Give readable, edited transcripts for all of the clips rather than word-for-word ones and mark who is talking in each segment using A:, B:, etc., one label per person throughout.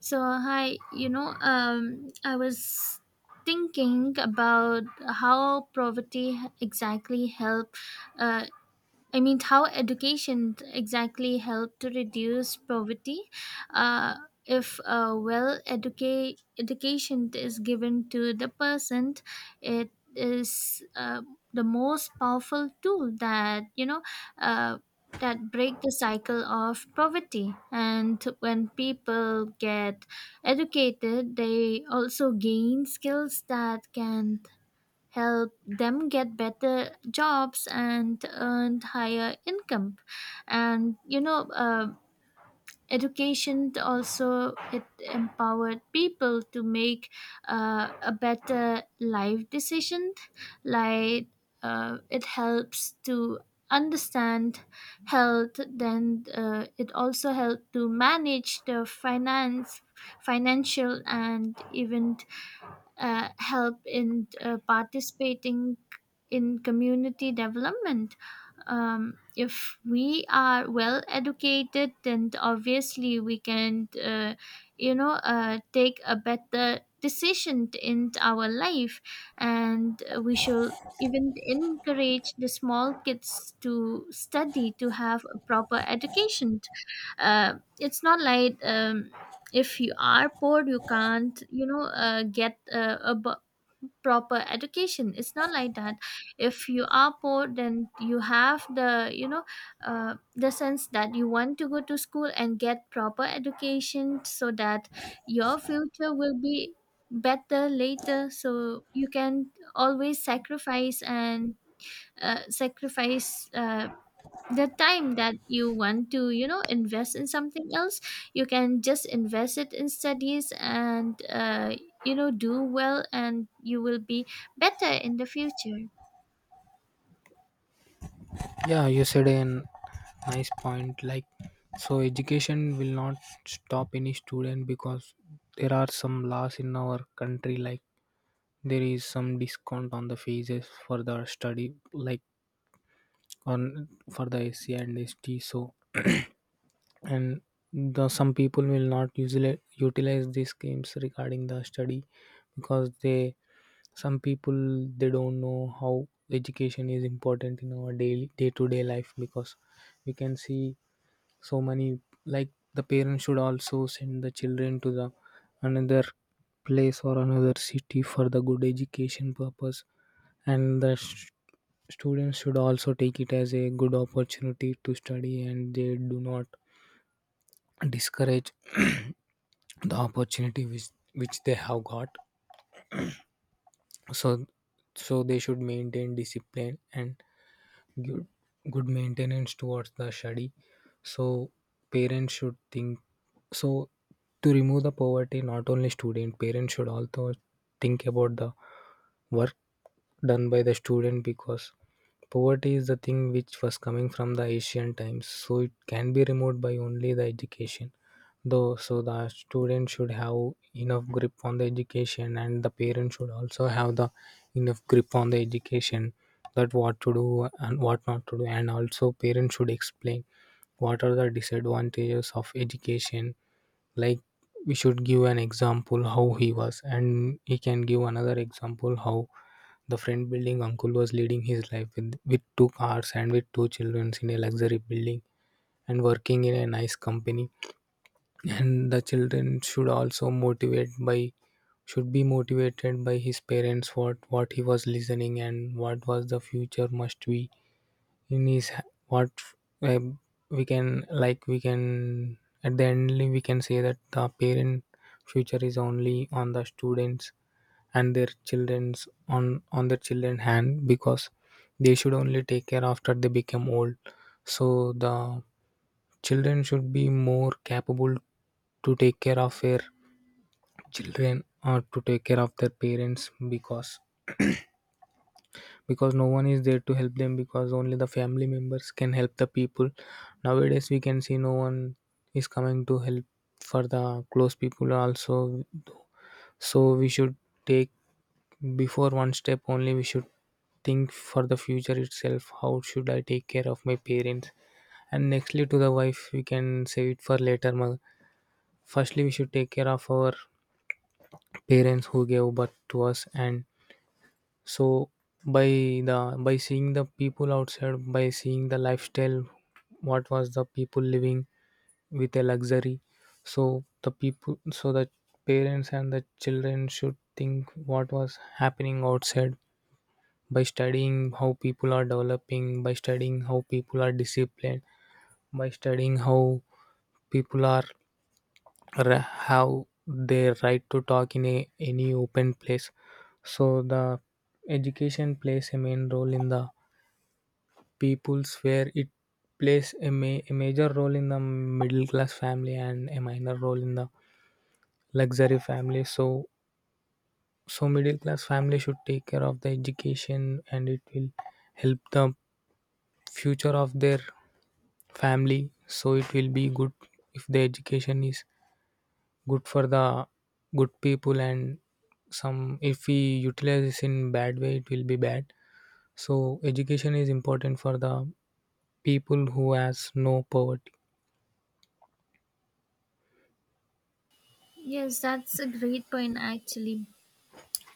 A: So I was thinking about how poverty exactly help uh, I mean, how education exactly help to reduce poverty? Uh, if well educate education is given to the person, it is the most powerful tool that you know uh, that break the cycle of poverty. And when people get educated, they also gain skills that can help them get better jobs and earn higher income and education also it empowered people to make a better life decision like it helps to understand health then it also helped to manage the finance financial and even help in participating in community development. If we are well educated, then obviously we can, take a better decision in our life, and we should even encourage the small kids to study to have a proper education. It's not like if you are poor you can't get proper education. It's not like that. If you are poor then you have the sense that you want to go to school and get proper education so that your future will be better later, so you can always sacrifice and sacrifice the time that you want to invest in something else. You can just invest it in studies and do well and you will be better in the future.
B: Yeah, you said a nice point. Like, so education will not stop any student because there are some laws in our country. Like, there is some discount on the fees for the study, like on for the SC and ST. So, and the some people will not usually utilize these schemes regarding the study because they some people they don't know how education is important in our daily day to day life because we can see so many like the parents should also send the children to the another place or another city for the good education purpose and students should also take it as a good opportunity to study and they do not discourage the opportunity which they have got. So so they should maintain discipline and good, good maintenance towards the study. So parents should think. So, to remove the poverty, not only student, parents should also think about the work done by the student because poverty is the thing which was coming from the ancient times. So, it can be removed by only the education. Though, so the student should have enough grip on the education, and the parents should also have the enough grip on the education, that what to do and what not to do, and also parents should explain what are the disadvantages of education, like we should give an example how he was and he can give another example how the friend building uncle was leading his life with two cars and with two children in a luxury building and working in a nice company. And the children should also motivate by should be motivated by his parents, what he was listening and what was the future must be in is what uh, we can at the end we can say that the parent future is only on the students, and their children's on their children hand, because they should only take care after they become old. So the children should be more capable to take care of their children or to take care of their parents. Because because no one is there to help them, because only the family members can help the people. Nowadays we can see no one is coming to help for the close people also. So we should take, before one step only we should think for the future itself, how should I take care of my parents, and nextly to the wife we can save it for later. Firstly we should take care of our parents who gave birth to us. And so by by seeing the people outside, by seeing the lifestyle, what was the people living with a luxury. So the people, so the parents and the children should think what was happening outside, by studying how people are developing, by studying how people are disciplined, by studying how people are have their right to talk in a, any open place. So the education plays a main role in the peoples, where it plays a, a major role in the middle class family and a minor role in the luxury family. So so middle class family should take care of the education and it will help the future of their family. So it will be good if the education is good for the good people, and some if we utilize this in bad way it will be bad. So education is important for the people who has no poverty.
A: Yes, that's a great point actually.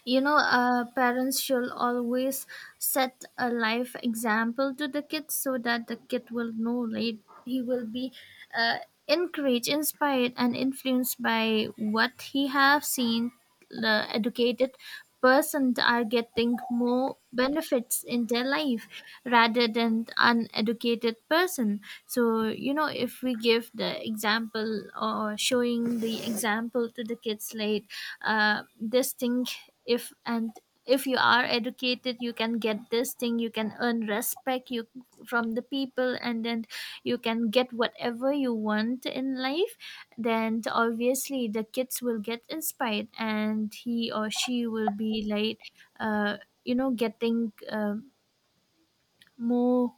A: Parents should always set a life example to the kid so that the kid will know, late he will be uh, encouraged, inspired and influenced by what he have seen. The educated person are getting more benefits in their life rather than uneducated person. So you know, if we give the example or showing the example to the kids, late this thing, if and if you are educated you can get this thing, you can earn respect you from the people, and then you can get whatever you want in life. Then obviously the kids will get inspired and he or she will be like uh, you know getting uh, more,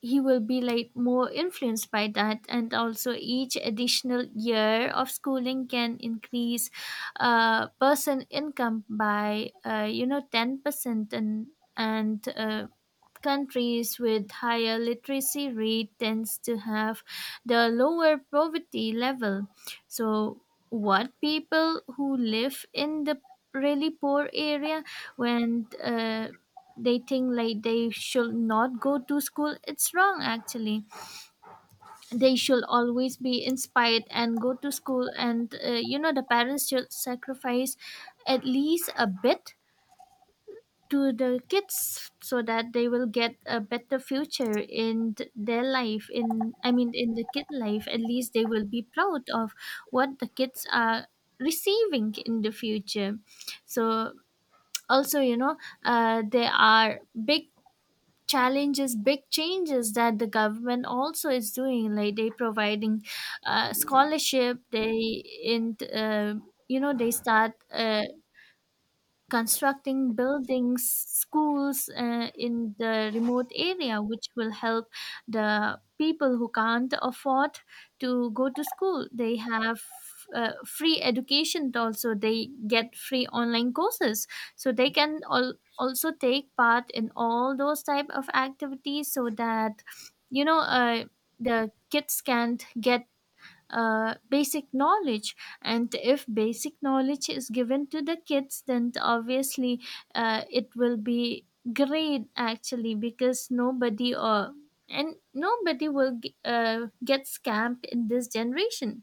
A: he will be like more influenced by that. And also each additional year of schooling can increase person income by 10% and countries with higher literacy rate tends to have the lower poverty level. So what, people who live in the really poor area, when they think like they should not go to school, it's wrong actually. They should always be inspired and go to school. And the parents should sacrifice at least a bit to the kids so that they will get a better future in their life, in, I mean in the kid life, at least they will be proud of what the kids are receiving in the future. So also, there are big challenges big changes that the government also is doing, like they providing scholarship, they in you know they start constructing buildings, schools in the remote area, which will help the people who can't afford to go to school. They have free education, also they get free online courses, so they can all also take part in all those type of activities so that you know uh, the kids can't get basic knowledge. And if basic knowledge is given to the kids, then obviously it will be great actually, because nobody or and nobody will get scammed in this generation,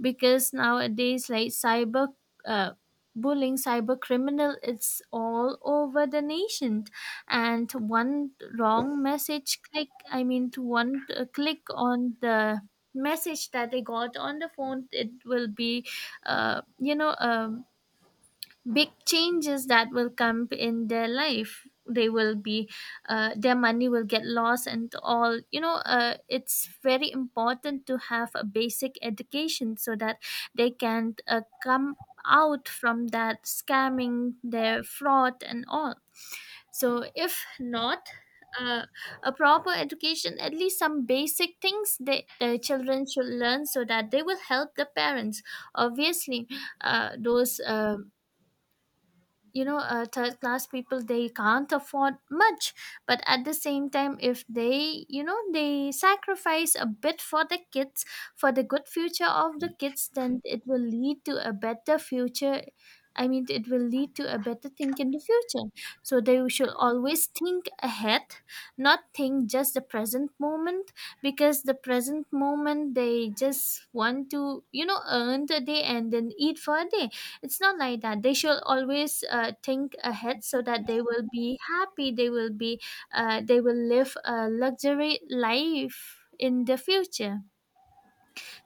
A: because nowadays like cyber uh, bullying, cyber criminal, it's all over the nation. And one wrong message click I mean to one click on the message that they got on the phone, it will be uh, you know um, big changes that will come in their life. They will be their money will get lost and all. It's very important to have a basic education so that they can come out from that scamming, their fraud and all. So if not uh, a proper education, at least some basic things that the children should learn so that they will help the parents. Obviously those you know third class people, they can't afford much, but at the same time if they you know they sacrifice a bit for the kids, for the good future of the kids, then it will lead to a better future, I mean it will lead to a better thing in the future. So they should always think ahead, not think just the present moment. Because the present moment they just want to, you know, earn the day and then eat for a day. It's not like that. They should always think ahead so that they will be happy, they will be they will live a luxury life in the future.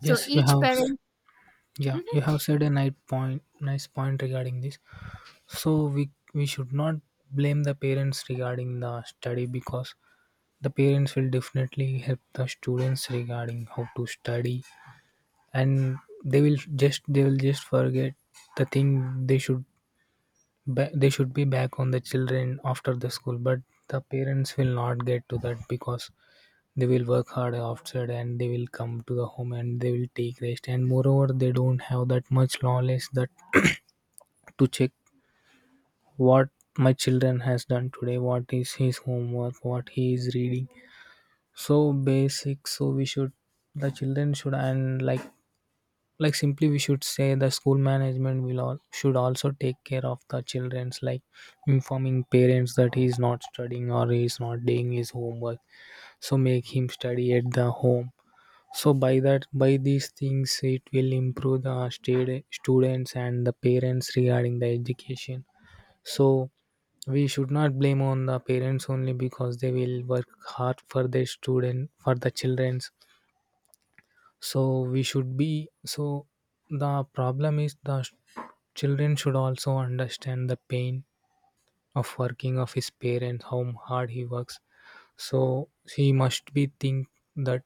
A: So
B: Yes, you
A: each
B: have. s-
A: parent.
B: Yeah, you have said a nice point. Nice point regarding this. So we should not blame the parents regarding the study, because the parents will definitely help the students regarding how to study, and they will just forget the thing. They should they should be back on the children after the school, but the parents will not get to that because they will work hard outside and they will come to the home and they will take rest, and moreover they don't have that much knowledge that to check what my children has done today, what is his homework, what he is reading. So basic, so we should, the children should, and like simply we should say the school management will all should also take care of the children's, like informing parents that he is not studying or he is not doing his homework, so make him study at the home. So by that, by these things, it will improve the students and the parents regarding the education. So we should not blame on the parents only, because they will work hard for their student, for the childrens. So we should be, so the problem is the children should also understand the pain of working of his parents, how hard he works. So he must be think that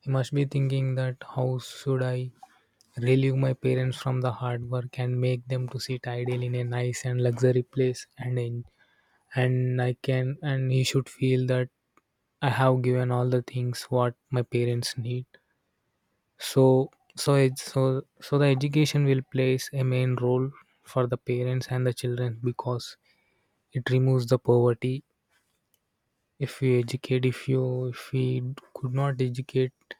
B: he must be thinking that how should I relieve my parents from the hard work and make them to sit idle in a nice and luxury place. And in and I can and he should feel that I have given all the things what my parents need. So so it's so so the education will plays a main role for the parents and the children because it removes the poverty. If we educate, if you if we could not educate,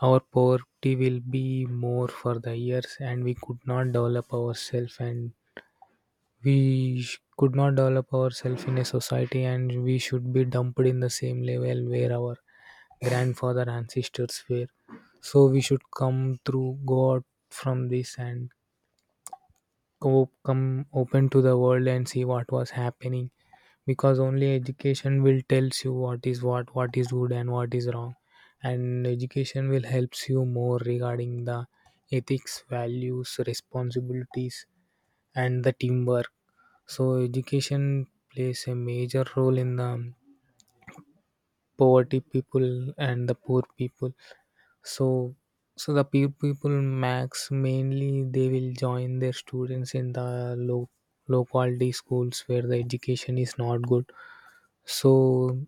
B: our poverty will be more for the years and we could not develop ourselves, and we could not develop ourselves in a society and we should be dumped in the same level where our grandfather ancestors were. So we should come through go out from this and go come open to the world and see what was happening, because only education will tells you what is good and what is wrong. And education will helps you more regarding the ethics, values, responsibilities and the teamwork. So education plays a major role in the poverty people and the poor people. So so the people max mainly they will join their students in the low quality schools where the education is not good. So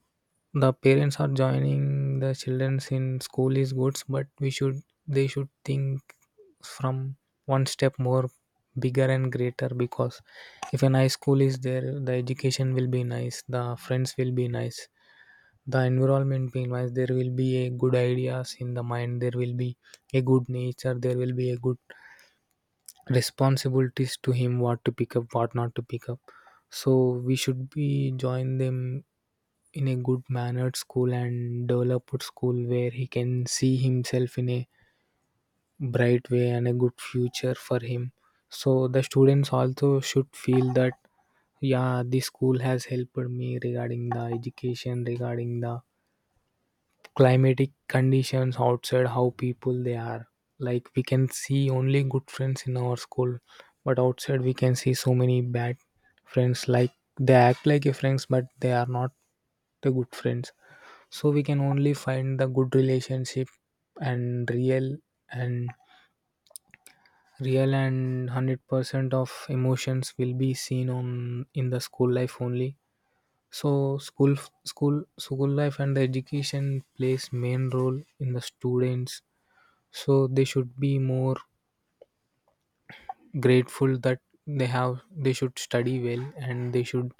B: the parents are joining the childrens in school is good, but we should, they should think from one step more bigger and greater, because if an high school is there, the education will be nice, the friends will be nice, the environment being nice, there will be a good ideas in the mind, there will be a good nature, there will be a good responsibilities to him, what to pick up, what not to pick up. So we should be join them in a good mannered school and developed school where he can see himself in a bright way and a good future for him. So the students also should feel that yeah, this school has helped me regarding the education, regarding the climatic conditions outside, how people they are. Like we can see only good friends in our school, but outside we can see so many bad friends, like they act like a friends but they are not the good friends. So we can only find the good relationship and real and real and 100% of emotions will be seen on in the school life only. So school life and the education plays main role in the students. So they should be more grateful that they should study well and they should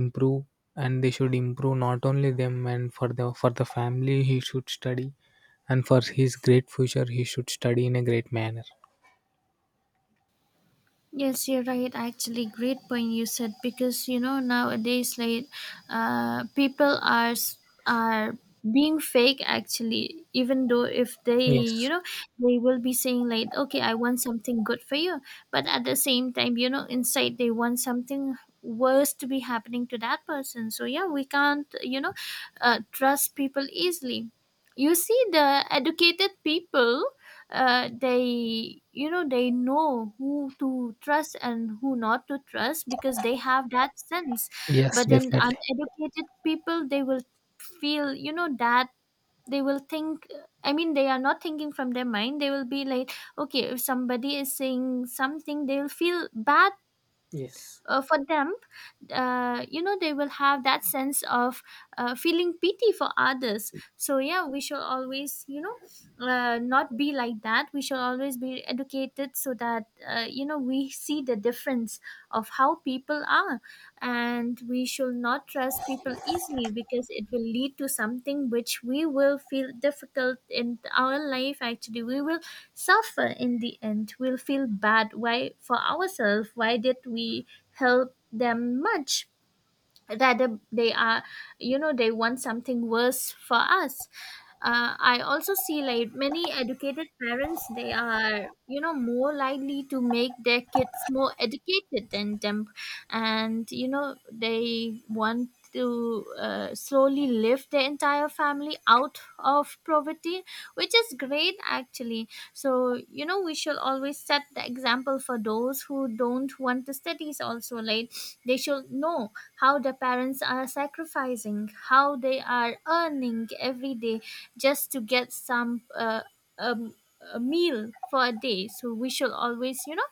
B: improve. And they should improve not only them and for the family he should study, and for his great future he should study in a great manner.
A: Yes, you're right. Actually, great point you said, because you know nowadays, like, uh, people are s- are being fake actually. Even though if they, you
B: Yes.
A: know, they will be saying like okay, I want something good for you, but at the same time you know inside they want something worse to be happening to that person. So yeah, we can't, you know, trust people easily. You see the educated people, they, you know, they know who to trust and who not to trust because they have that sense.
B: Yes,
A: But then
B: definitely.
A: uneducated people, they will feel you know that they will think, I mean they are not thinking from their mind, they will be like okay, if somebody is saying something they will feel bad
B: Yes.
A: for them. They will have that sense of feeling pity for others. So yeah, we shall always, you know, not be like that. We shall always be educated so that we see the difference of how people are. And we should not trust people easily because it will lead to something which we will feel difficult in our life. Actually we will suffer in the end, we'll feel bad, why for ourselves, why did we help them much rather they are, you know, they want something worse for us. I also see like many educated parents, they are, you know, more likely to make their kids more educated than them. And you know, they want to slowly lift their entire family out of poverty, which is great actually. So you know we should always set the example for those who don't want to studies also. Like they should know how the parents are sacrificing, how they are earning every day just to get some um, a meal for a day. So we should always, you know,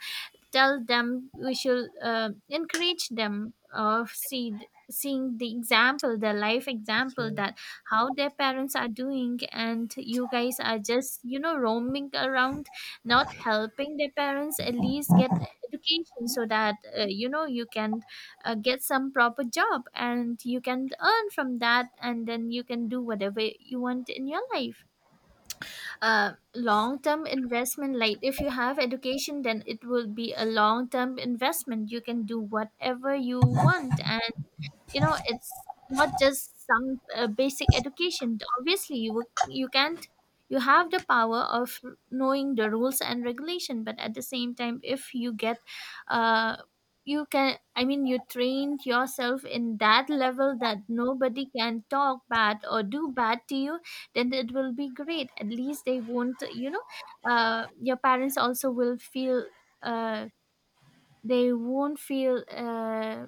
A: tell them. We should encourage them of seeing the example, the life example
B: So-
A: that how their parents are doing, and you guys are just, you know, roaming around not helping their parents. At least get education so that you can get some proper job and you can earn from that, and then you can do whatever you want in your life. Long term investment, like if you have education then it will be a long term investment. You can do whatever you want. And you know, it's not just some basic education. Obviously you you can't, you have the power of knowing the rules and regulation. But at the same time if you get uh you can, I mean you trained yourself in that level that nobody can talk bad or do bad to you, then it will be great. At least they won't, you know, your parents also will feel uh they won't feel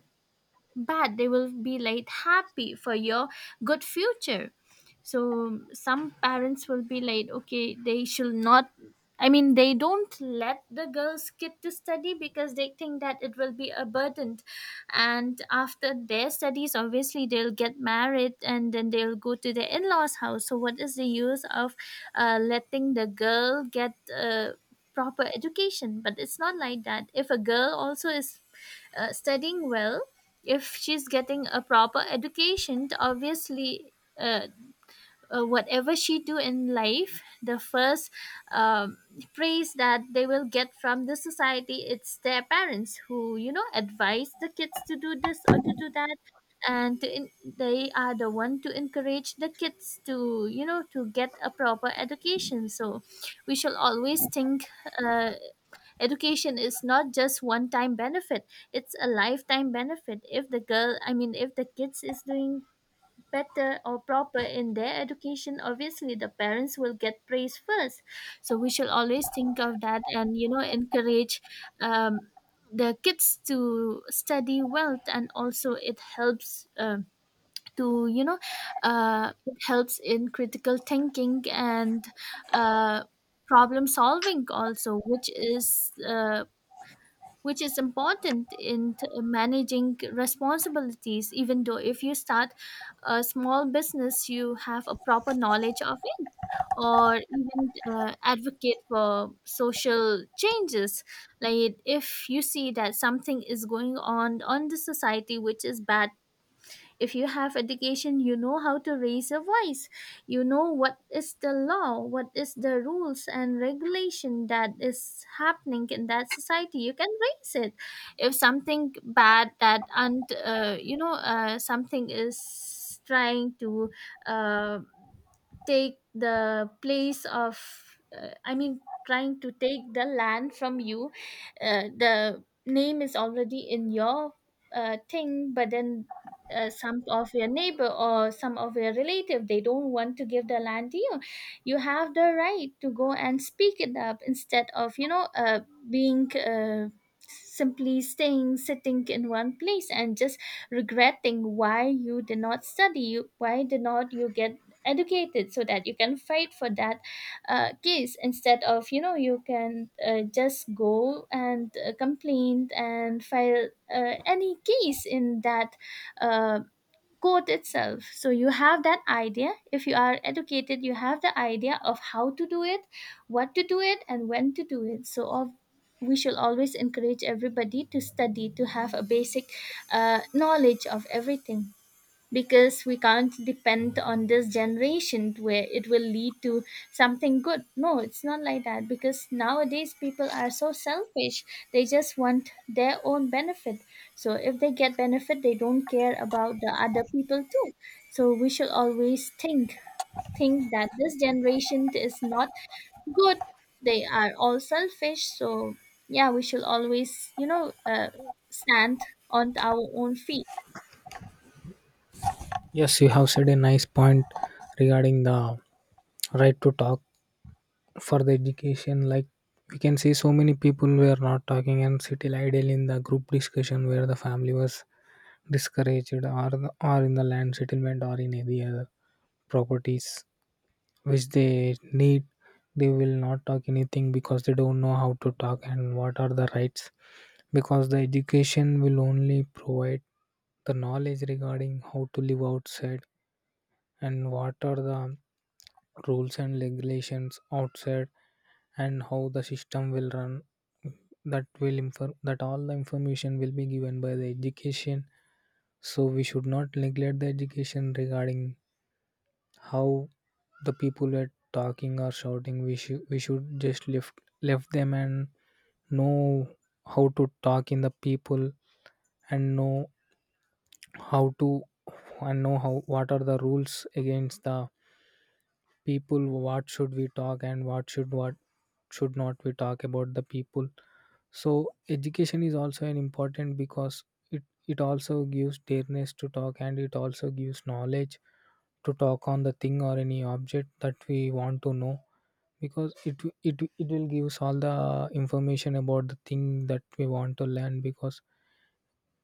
A: but they will be like happy for your good future. So some parents will be like okay, they should not, I mean they don't let the girls skip to study because they think that it will be a burden. And after their studies obviously they'll get married and then they'll go to their in-laws house, so what is the use of letting the girl get a proper education. But it's not like that. If a girl also is studying well, if she's getting a proper education, obviously uh, whatever she do in life, the first um, praise that they will get from the society, it's their parents who, you know, advise the kids to do this or to do that. And to in, they are the one to encourage the kids to, you know, to get a proper education. So we shall always think, uh, education is not just one time benefit, it's a lifetime benefit. If the girl, I mean if the kids is doing better or proper in their education, obviously the parents will get praise first. So We should always think of that and encourage um, the kids to study well, and also it helps to you know it helps in critical thinking and uh, problem solving also, which is which is important in managing responsibilities. Even though if you start a small business, you have a proper knowledge of it, or even advocate for social changes. Like if you see that something is going on the society which is bad, if you have education, you know how to raise a voice. You know what is the law, what is the rules and regulation that is happening in that society. You can raise it. If something bad that, and something is trying to uh, take the place of trying to take the land from you, the name is already in your thing, but then some of your neighbor or some of your relative, they don't want to give the land to you, you have the right to go and speak it up instead of you know being simply staying sitting in one place and just regretting why you did not study, why did not you get educated so that you can fight for that case. Instead of you know, you can just go and complain and file any case in that uh, court itself. So you have that idea. If you are educated, you have the idea of how to do it, what to do it, and when to do it. So of we should always encourage everybody to study, to have a basic knowledge of everything, because we can't depend on this generation where it will lead to something good. No, it's not like that, because nowadays people are so selfish. They just want their own benefit. So if they get benefit, they don't care about the other people too. So we should always think that this generation is not good. They are all selfish. So yeah, we should always stand on our own feet.
B: yes, you have said a nice point regarding the right to talk for the education. Like we can see so many people were not talking and sit idle in the group discussion where the family was discouraged, or the, are in the land settlement or in any other properties which they need, they will not talk anything because they don't know how to talk and what are the rights, because the education will only provide the knowledge regarding how to live outside and what are the rules and regulations outside and how the system will run. That will inform that all the information will be given by the education. So we should not neglect the education regarding how the people were talking or shouting. We should we should just lift, left them and know how to talk in the people, and know how to, and know how what are the rules against the people, what should we talk and what should not we talk about the people. So education is also an important, because it also gives dareness to talk and it also gives knowledge to talk on the thing or any object that we want to know, because it will give us all the information about the thing that we want to learn. because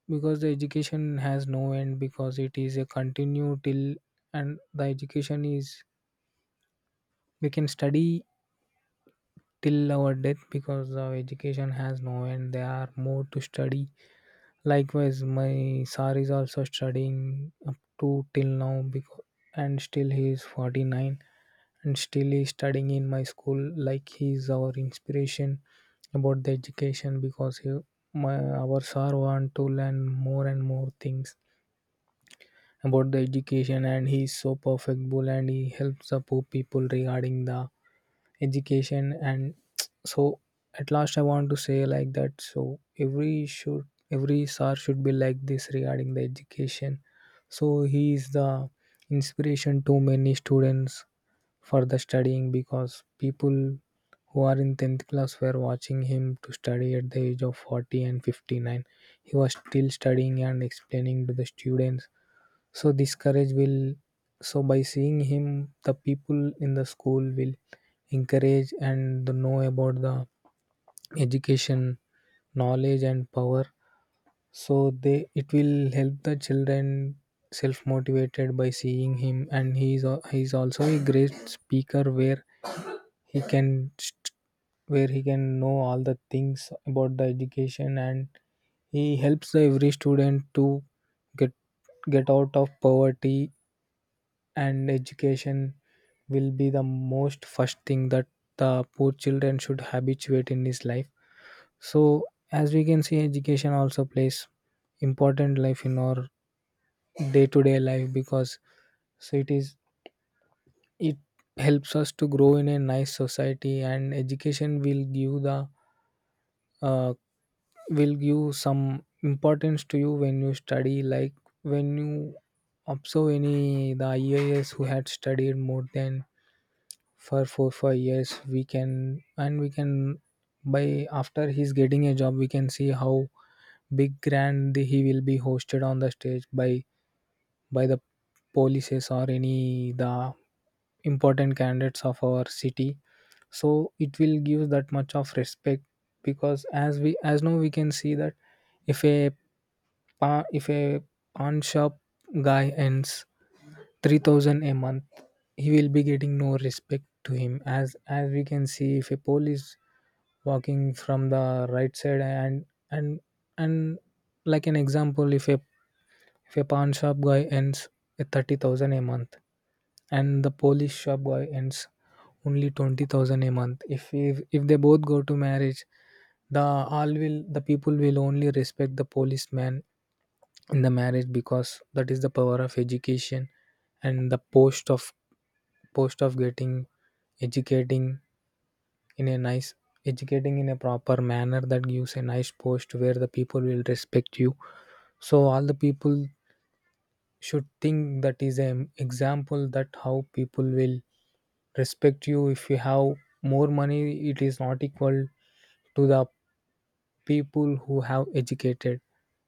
B: because the education has no end, because it is a continue till. And the education is, we can study till our death, because the education has no end. There are more to study. Likewise, my sir is also studying up to till now. Because And still he is 49, and still he is studying in my school. Like he is our inspiration about the education, because he, my our sir want to learn more and more things about the education. And he is so perfectable, and he helps the poor people regarding the education and so at last I want to say like that. So every should every sir should be like this regarding the education. So he is the inspiration to many students for the studying, because people who are in 10th class were watching him to study at the age of 40 and 59. He was still studying and explaining to the students. So this courage will, so by seeing him the people in the school will encourage and know about the education, knowledge, and power. So they it will help the children self motivated by seeing him. And he is also a great speaker, where he can st- where he can know all the things about the education. And he helps the every student to get get out of poverty. And education will be the most first thing that the poor children should habituate in his life. So as we can see, education also plays important life in our day-to-day life. Because it, is it helps us to grow in a nice society. And education will give the, uh, will give some importance to you when you study. Like when you observe any the ias who had studied more than for 4 5 years, we can by after he's getting a job, we can see how big grand he will be hosted on the stage by the polices or any the important candidates of our city. So it will give that much of respect, because as we as now we can see that if a if a pawn shop guy earns 3,000 a month, he will be getting no respect to him. As we can see, if a police walking from the right side, and and like an example, if a pawn shop guy earns a 30,000 a month, and the police shop guy earns only 20,000 a month, if they both go to marriage, the all will the people will only respect the policeman in the marriage, because that is the power of education. And the post of, getting educating in a nice, educating in a proper manner, that gives a nice post where the people will respect you. So all the people should think, that is an example that how people will respect you. If you have more money, it is not equal to the people who have educated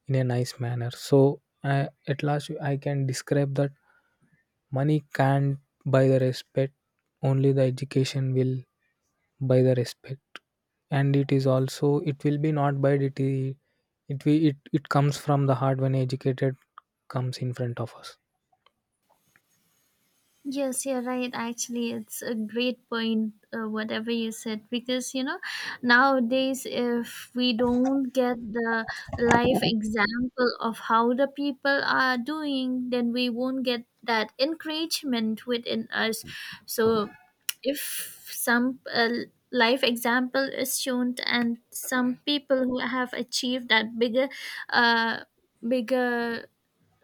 B: in a nice manner. So at last I can describe that money can't buy the respect, only the education will buy the respect. And it is also, it will be not by it, we, it comes from the heart when educated comes in front of us.
A: Yes, you're right. Actually, it's a great point, whatever you said, because you know, nowadays, if we don't get the life example of how the people are doing, then we won't get that encouragement within us. So, if some life example is shown, and some people who have achieved that bigger, uh, bigger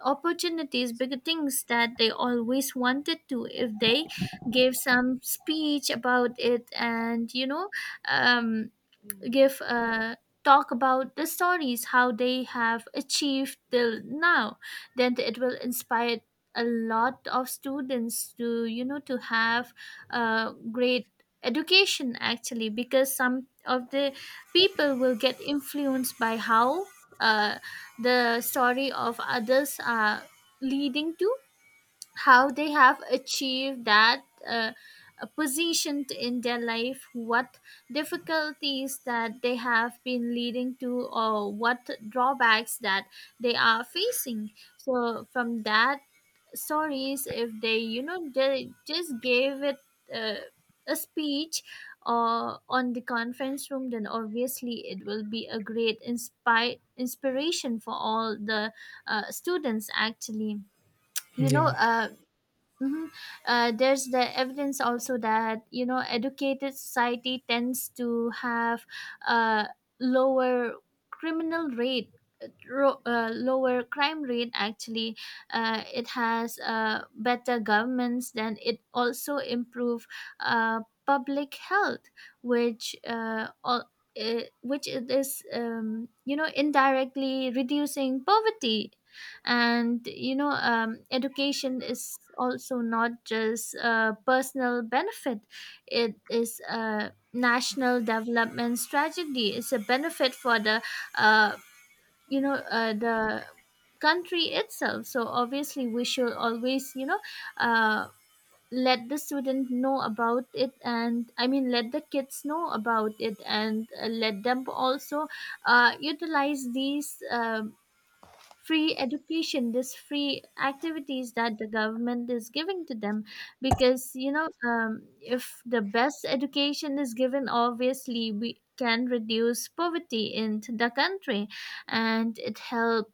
A: opportunities, bigger things that they always wanted to, if they gave some speech about it and um give a talk about the stories how they have achieved till now, then it will inspire a lot of students to to have a great education, actually, because some of the people will get influenced by how uh, the story of others are leading to how they have achieved that position in their life, what difficulties that they have been leading to, or what drawbacks that they are facing. So from that stories, if they they just gave it uh, a speech or on the conference room, then obviously it will be a great inspire inspiration for all the students, actually. you know
B: Yeah.
A: uh, hmm there's the evidence also that you know educated society tends to have a lower criminal rate, lower crime rate. Actually, it has better governments. Then it also improve uh, public health, which all. Which it is you know, indirectly reducing poverty. And education is also not just a personal benefit, it is a national development strategy. It's a benefit for the uh, the country itself. So obviously we should always uh, let the student know about it, and I mean let the kids know about it, and let them also utilize these free education, this free activities that the government is giving to them, because if the best education is given, obviously we can reduce poverty in the country, and it help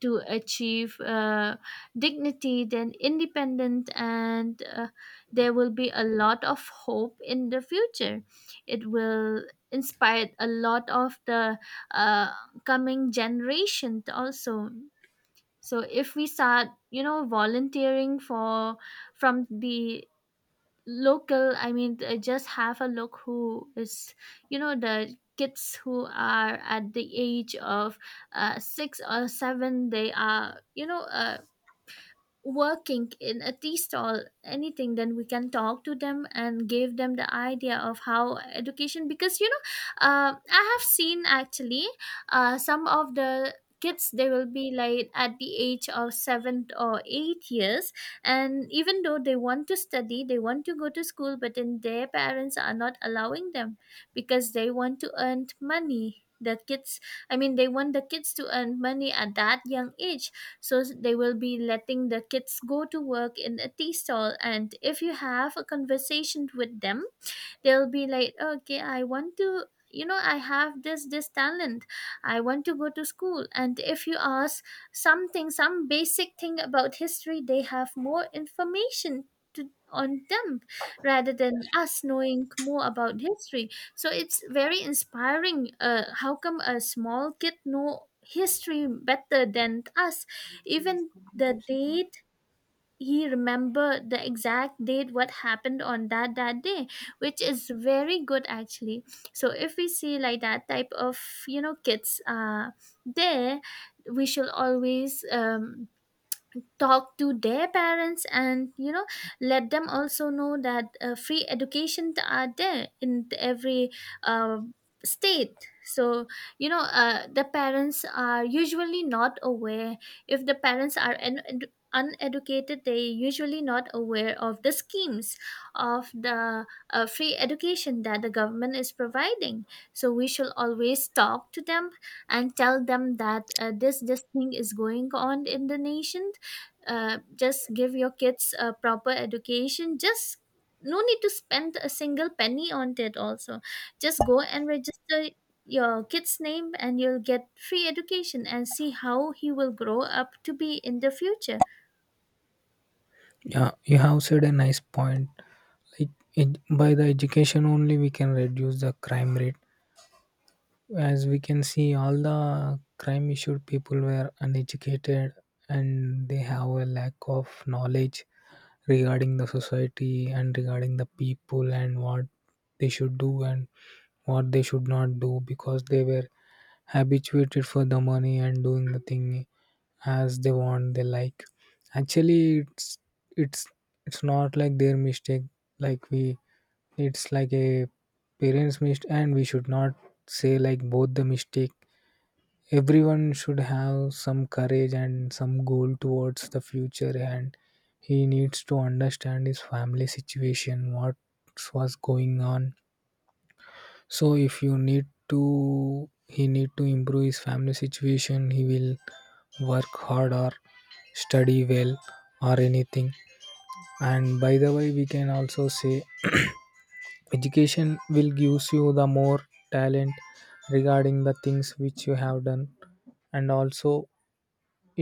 A: to achieve dignity, then independent, and there will be a lot of hope in the future. It will inspire a lot of the uh, coming generation also. So if we start, you know, volunteering for from the local, I mean, just have a look who is, you know, the kids who are at the age of six or seven, they are, you know, working in a tea stall anything, then we can talk to them and give them the idea of how education, because I have seen actually some of the kids, they will be like at the age of 7 or 8 years, and even though they want to study, they want to go to school, but then their parents are not allowing them, because they want to earn money, the kids, I mean they want the kids to earn money at that young age. So they will be letting the kids go to work in a tea stall, and if you have a conversation with them, they'll be like, okay, I want to, you know, I have this talent, I want to go to school. And if you ask something, some basic thing about history, they have more information to, on them, rather than us knowing more about history. So it's very inspiring, how come a small kid know history better than us? Even the date, he remembered the exact date what happened on that day, which is very good actually. So if we see like that type of, you know, kids there we should always talk to their parents and you know, let them also know that free education are there in every uh, state. So you know, the parents are usually not aware, if the parents are uneducated, they usually not aware of the schemes of the free education that the government is providing. So we shall always talk to them and tell them that uh, this thing is going on in the nation, just give your kids a proper education, just no need to spend a single penny on it also. Just go and register your kid's name and you'll get free education and see how he will grow up to be in the future.
B: Yeah, you have said a nice point. Like by the education only we can reduce the crime rate. As we can see, all the crime issued people were uneducated, and they have a lack of knowledge regarding the society and regarding the people, and what they should do and what they should not do, because they were habituated for the money and doing the thing as they want, they like. Actually, it's it's it's not like their mistake. Like we, it's like a parents mistake, and we should not say like both the mistake. Everyone should have some courage and some goal towards the future, and he needs to understand his family situation, what was going on. So if you need to, he need to improve his family situation. He will work hard or study well or anything. And by the way, we can also say education will gives you the more talent regarding the things which you have done. And also,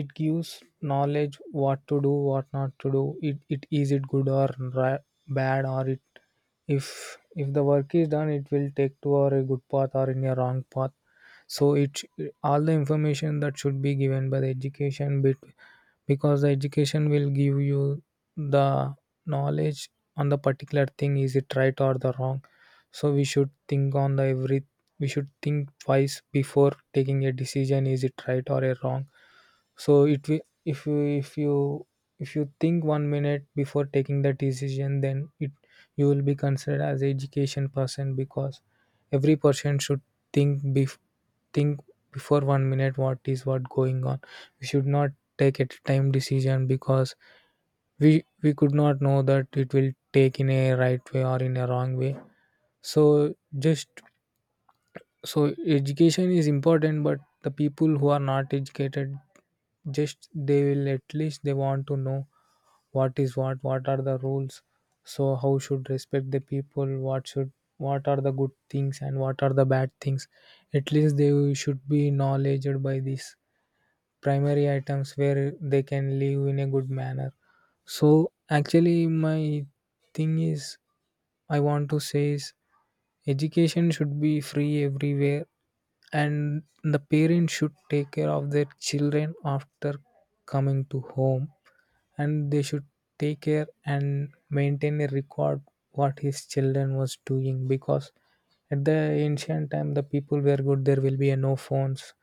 B: it gives knowledge, what to do, what not to do. It is it good or ra- bad, or it, if the work is done, it will take to or a good path or in a wrong path. So all the information that should be given by the education bit, because the education will give you the knowledge on the particular thing, is it right or the wrong. So we should think on the every, we should think twice before taking a decision, is it right or a wrong. So it will, if you, if you think 1 minute before taking the decision, then it, you will be considered as education person, because every person should think bef- think before 1 minute what is what going on. We should not take a time decision, because we could not know that it will take in a right way or in a wrong way. So just, so education is important, but the people who are not educated, just they will, at least they want to know what is, what are the rules. So how should respect the people, what should, what are the good things and what are the bad things. At least they should be knowledged by these primary items, where they can live in a good manner. So actually my thing is, I want to say is, education should be free everywhere. And the parents should take care of their children after coming to home. And they should take care and maintain a record what his children was doing. Because at the ancient time, the people were good, there will be a no phones.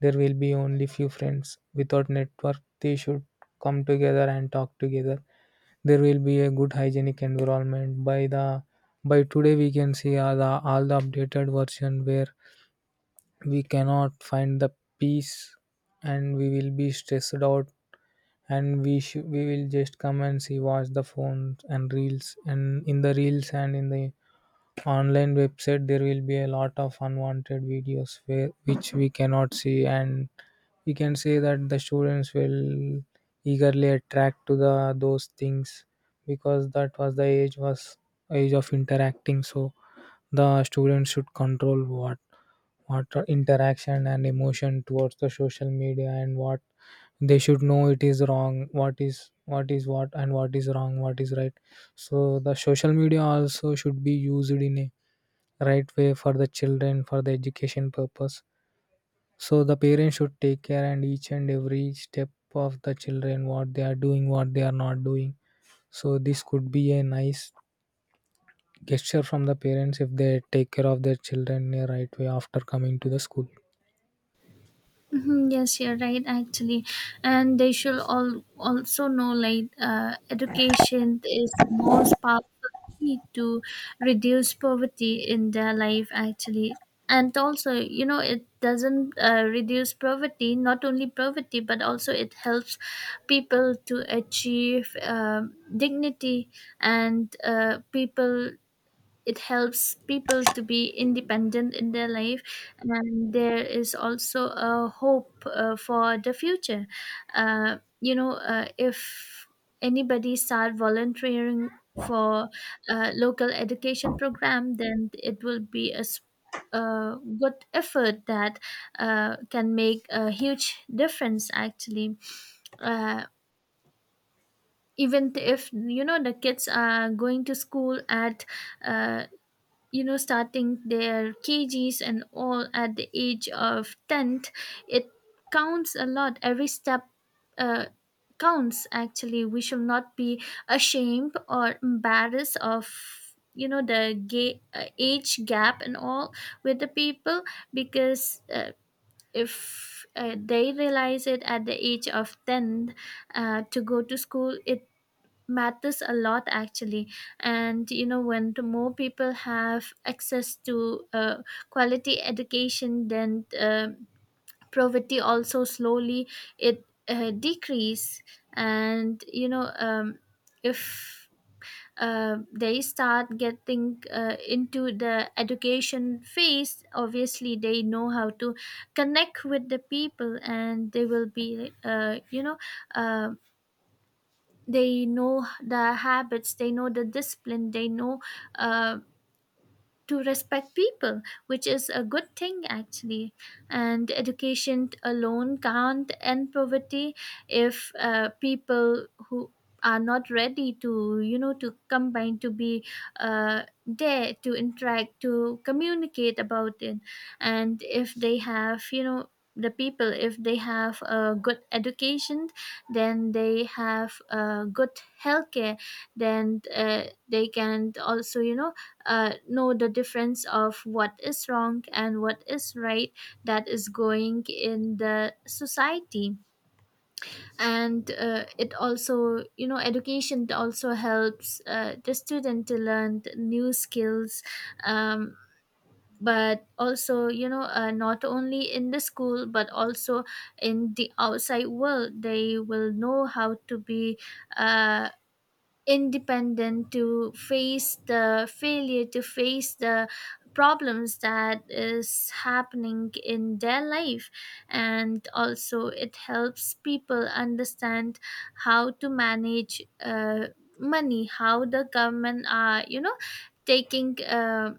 B: There will be only few friends without network. They should come together and talk together. There will be a good hygienic environment. By the, by today we can see all the updated version, where we cannot find the peace, and we will be stressed out. And we should, we will just come and see, watch the phones and reels. And in the reels, and in the online website, there will be a lot of unwanted videos where which we cannot see. And we can say that the students will eagerly attract to the those things, because that was the age, was age of interacting. So the students should control what are interaction and emotion towards the social media, and what they should know it is wrong, what is, what is what, and what is wrong, what is right. So the social media also should be used in a right way for the children, for the education purpose. So the parents should take care and each and every step of the children, what they are doing, what they are not doing. So this could be a nice gesture from the parents, if they take care of their children in a right way after coming to the school.
A: Mhm, yes, you're right, actually. And they should all also know like education is the most powerful key to reduce poverty in their life, actually. And also, you know, it doesn't reduce poverty, not only poverty, but also it helps people to achieve dignity and people, it helps people to be independent in their life, and there is also a hope for the future. If anybody start volunteering for a local education program, then it will be a good effort that can make a huge difference, actually. uh, Even if you know the kids are going to school at uh, you know, starting their kgs and all at the age of 10th, it counts a lot. Every step uh, counts, actually. We should not be ashamed or embarrassed of, you know, the age gap and all with the people, because if they realize it at the age of 10 to go to school, it matters a lot actually. And you know, when the more people have access to quality education, then poverty also slowly, it decrease. And you know, if they start getting into the education phase, obviously they know how to connect with the people, and they will be um they know the habits, they know the discipline, they know uh, to respect people, which is a good thing actually. And education alone can't end poverty if people who are not ready to you know, to combine to be there, to interact, to communicate about it. And if they have, you know, the people, if they have a good education, then they have a good healthcare, then they can also you know, know the difference of what is wrong and what is right that is going in the society. And it also you know, education also helps the student to learn the new skills, um, but also you know, not only in the school, but also in the outside world, they will know how to be uh, independent to face the failure, to face the problems that is happening in their life. And also it helps people understand how to manage money, how the government are you know, taking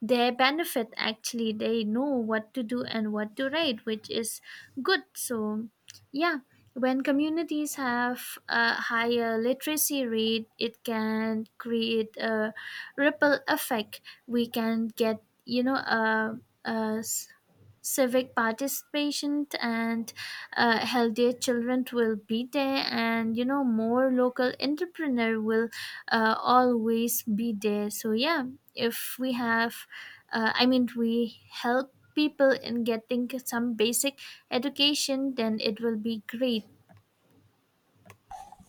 A: they benefit, actually they know what to do and what to write, which is good. So yeah, when communities have a higher literacy rate, it can create a ripple effect. We can get you know, civic participation, and healthier children will be there, and you know, more local entrepreneur will always be there. So yeah, if we have we help people in getting some basic education, then it will be great.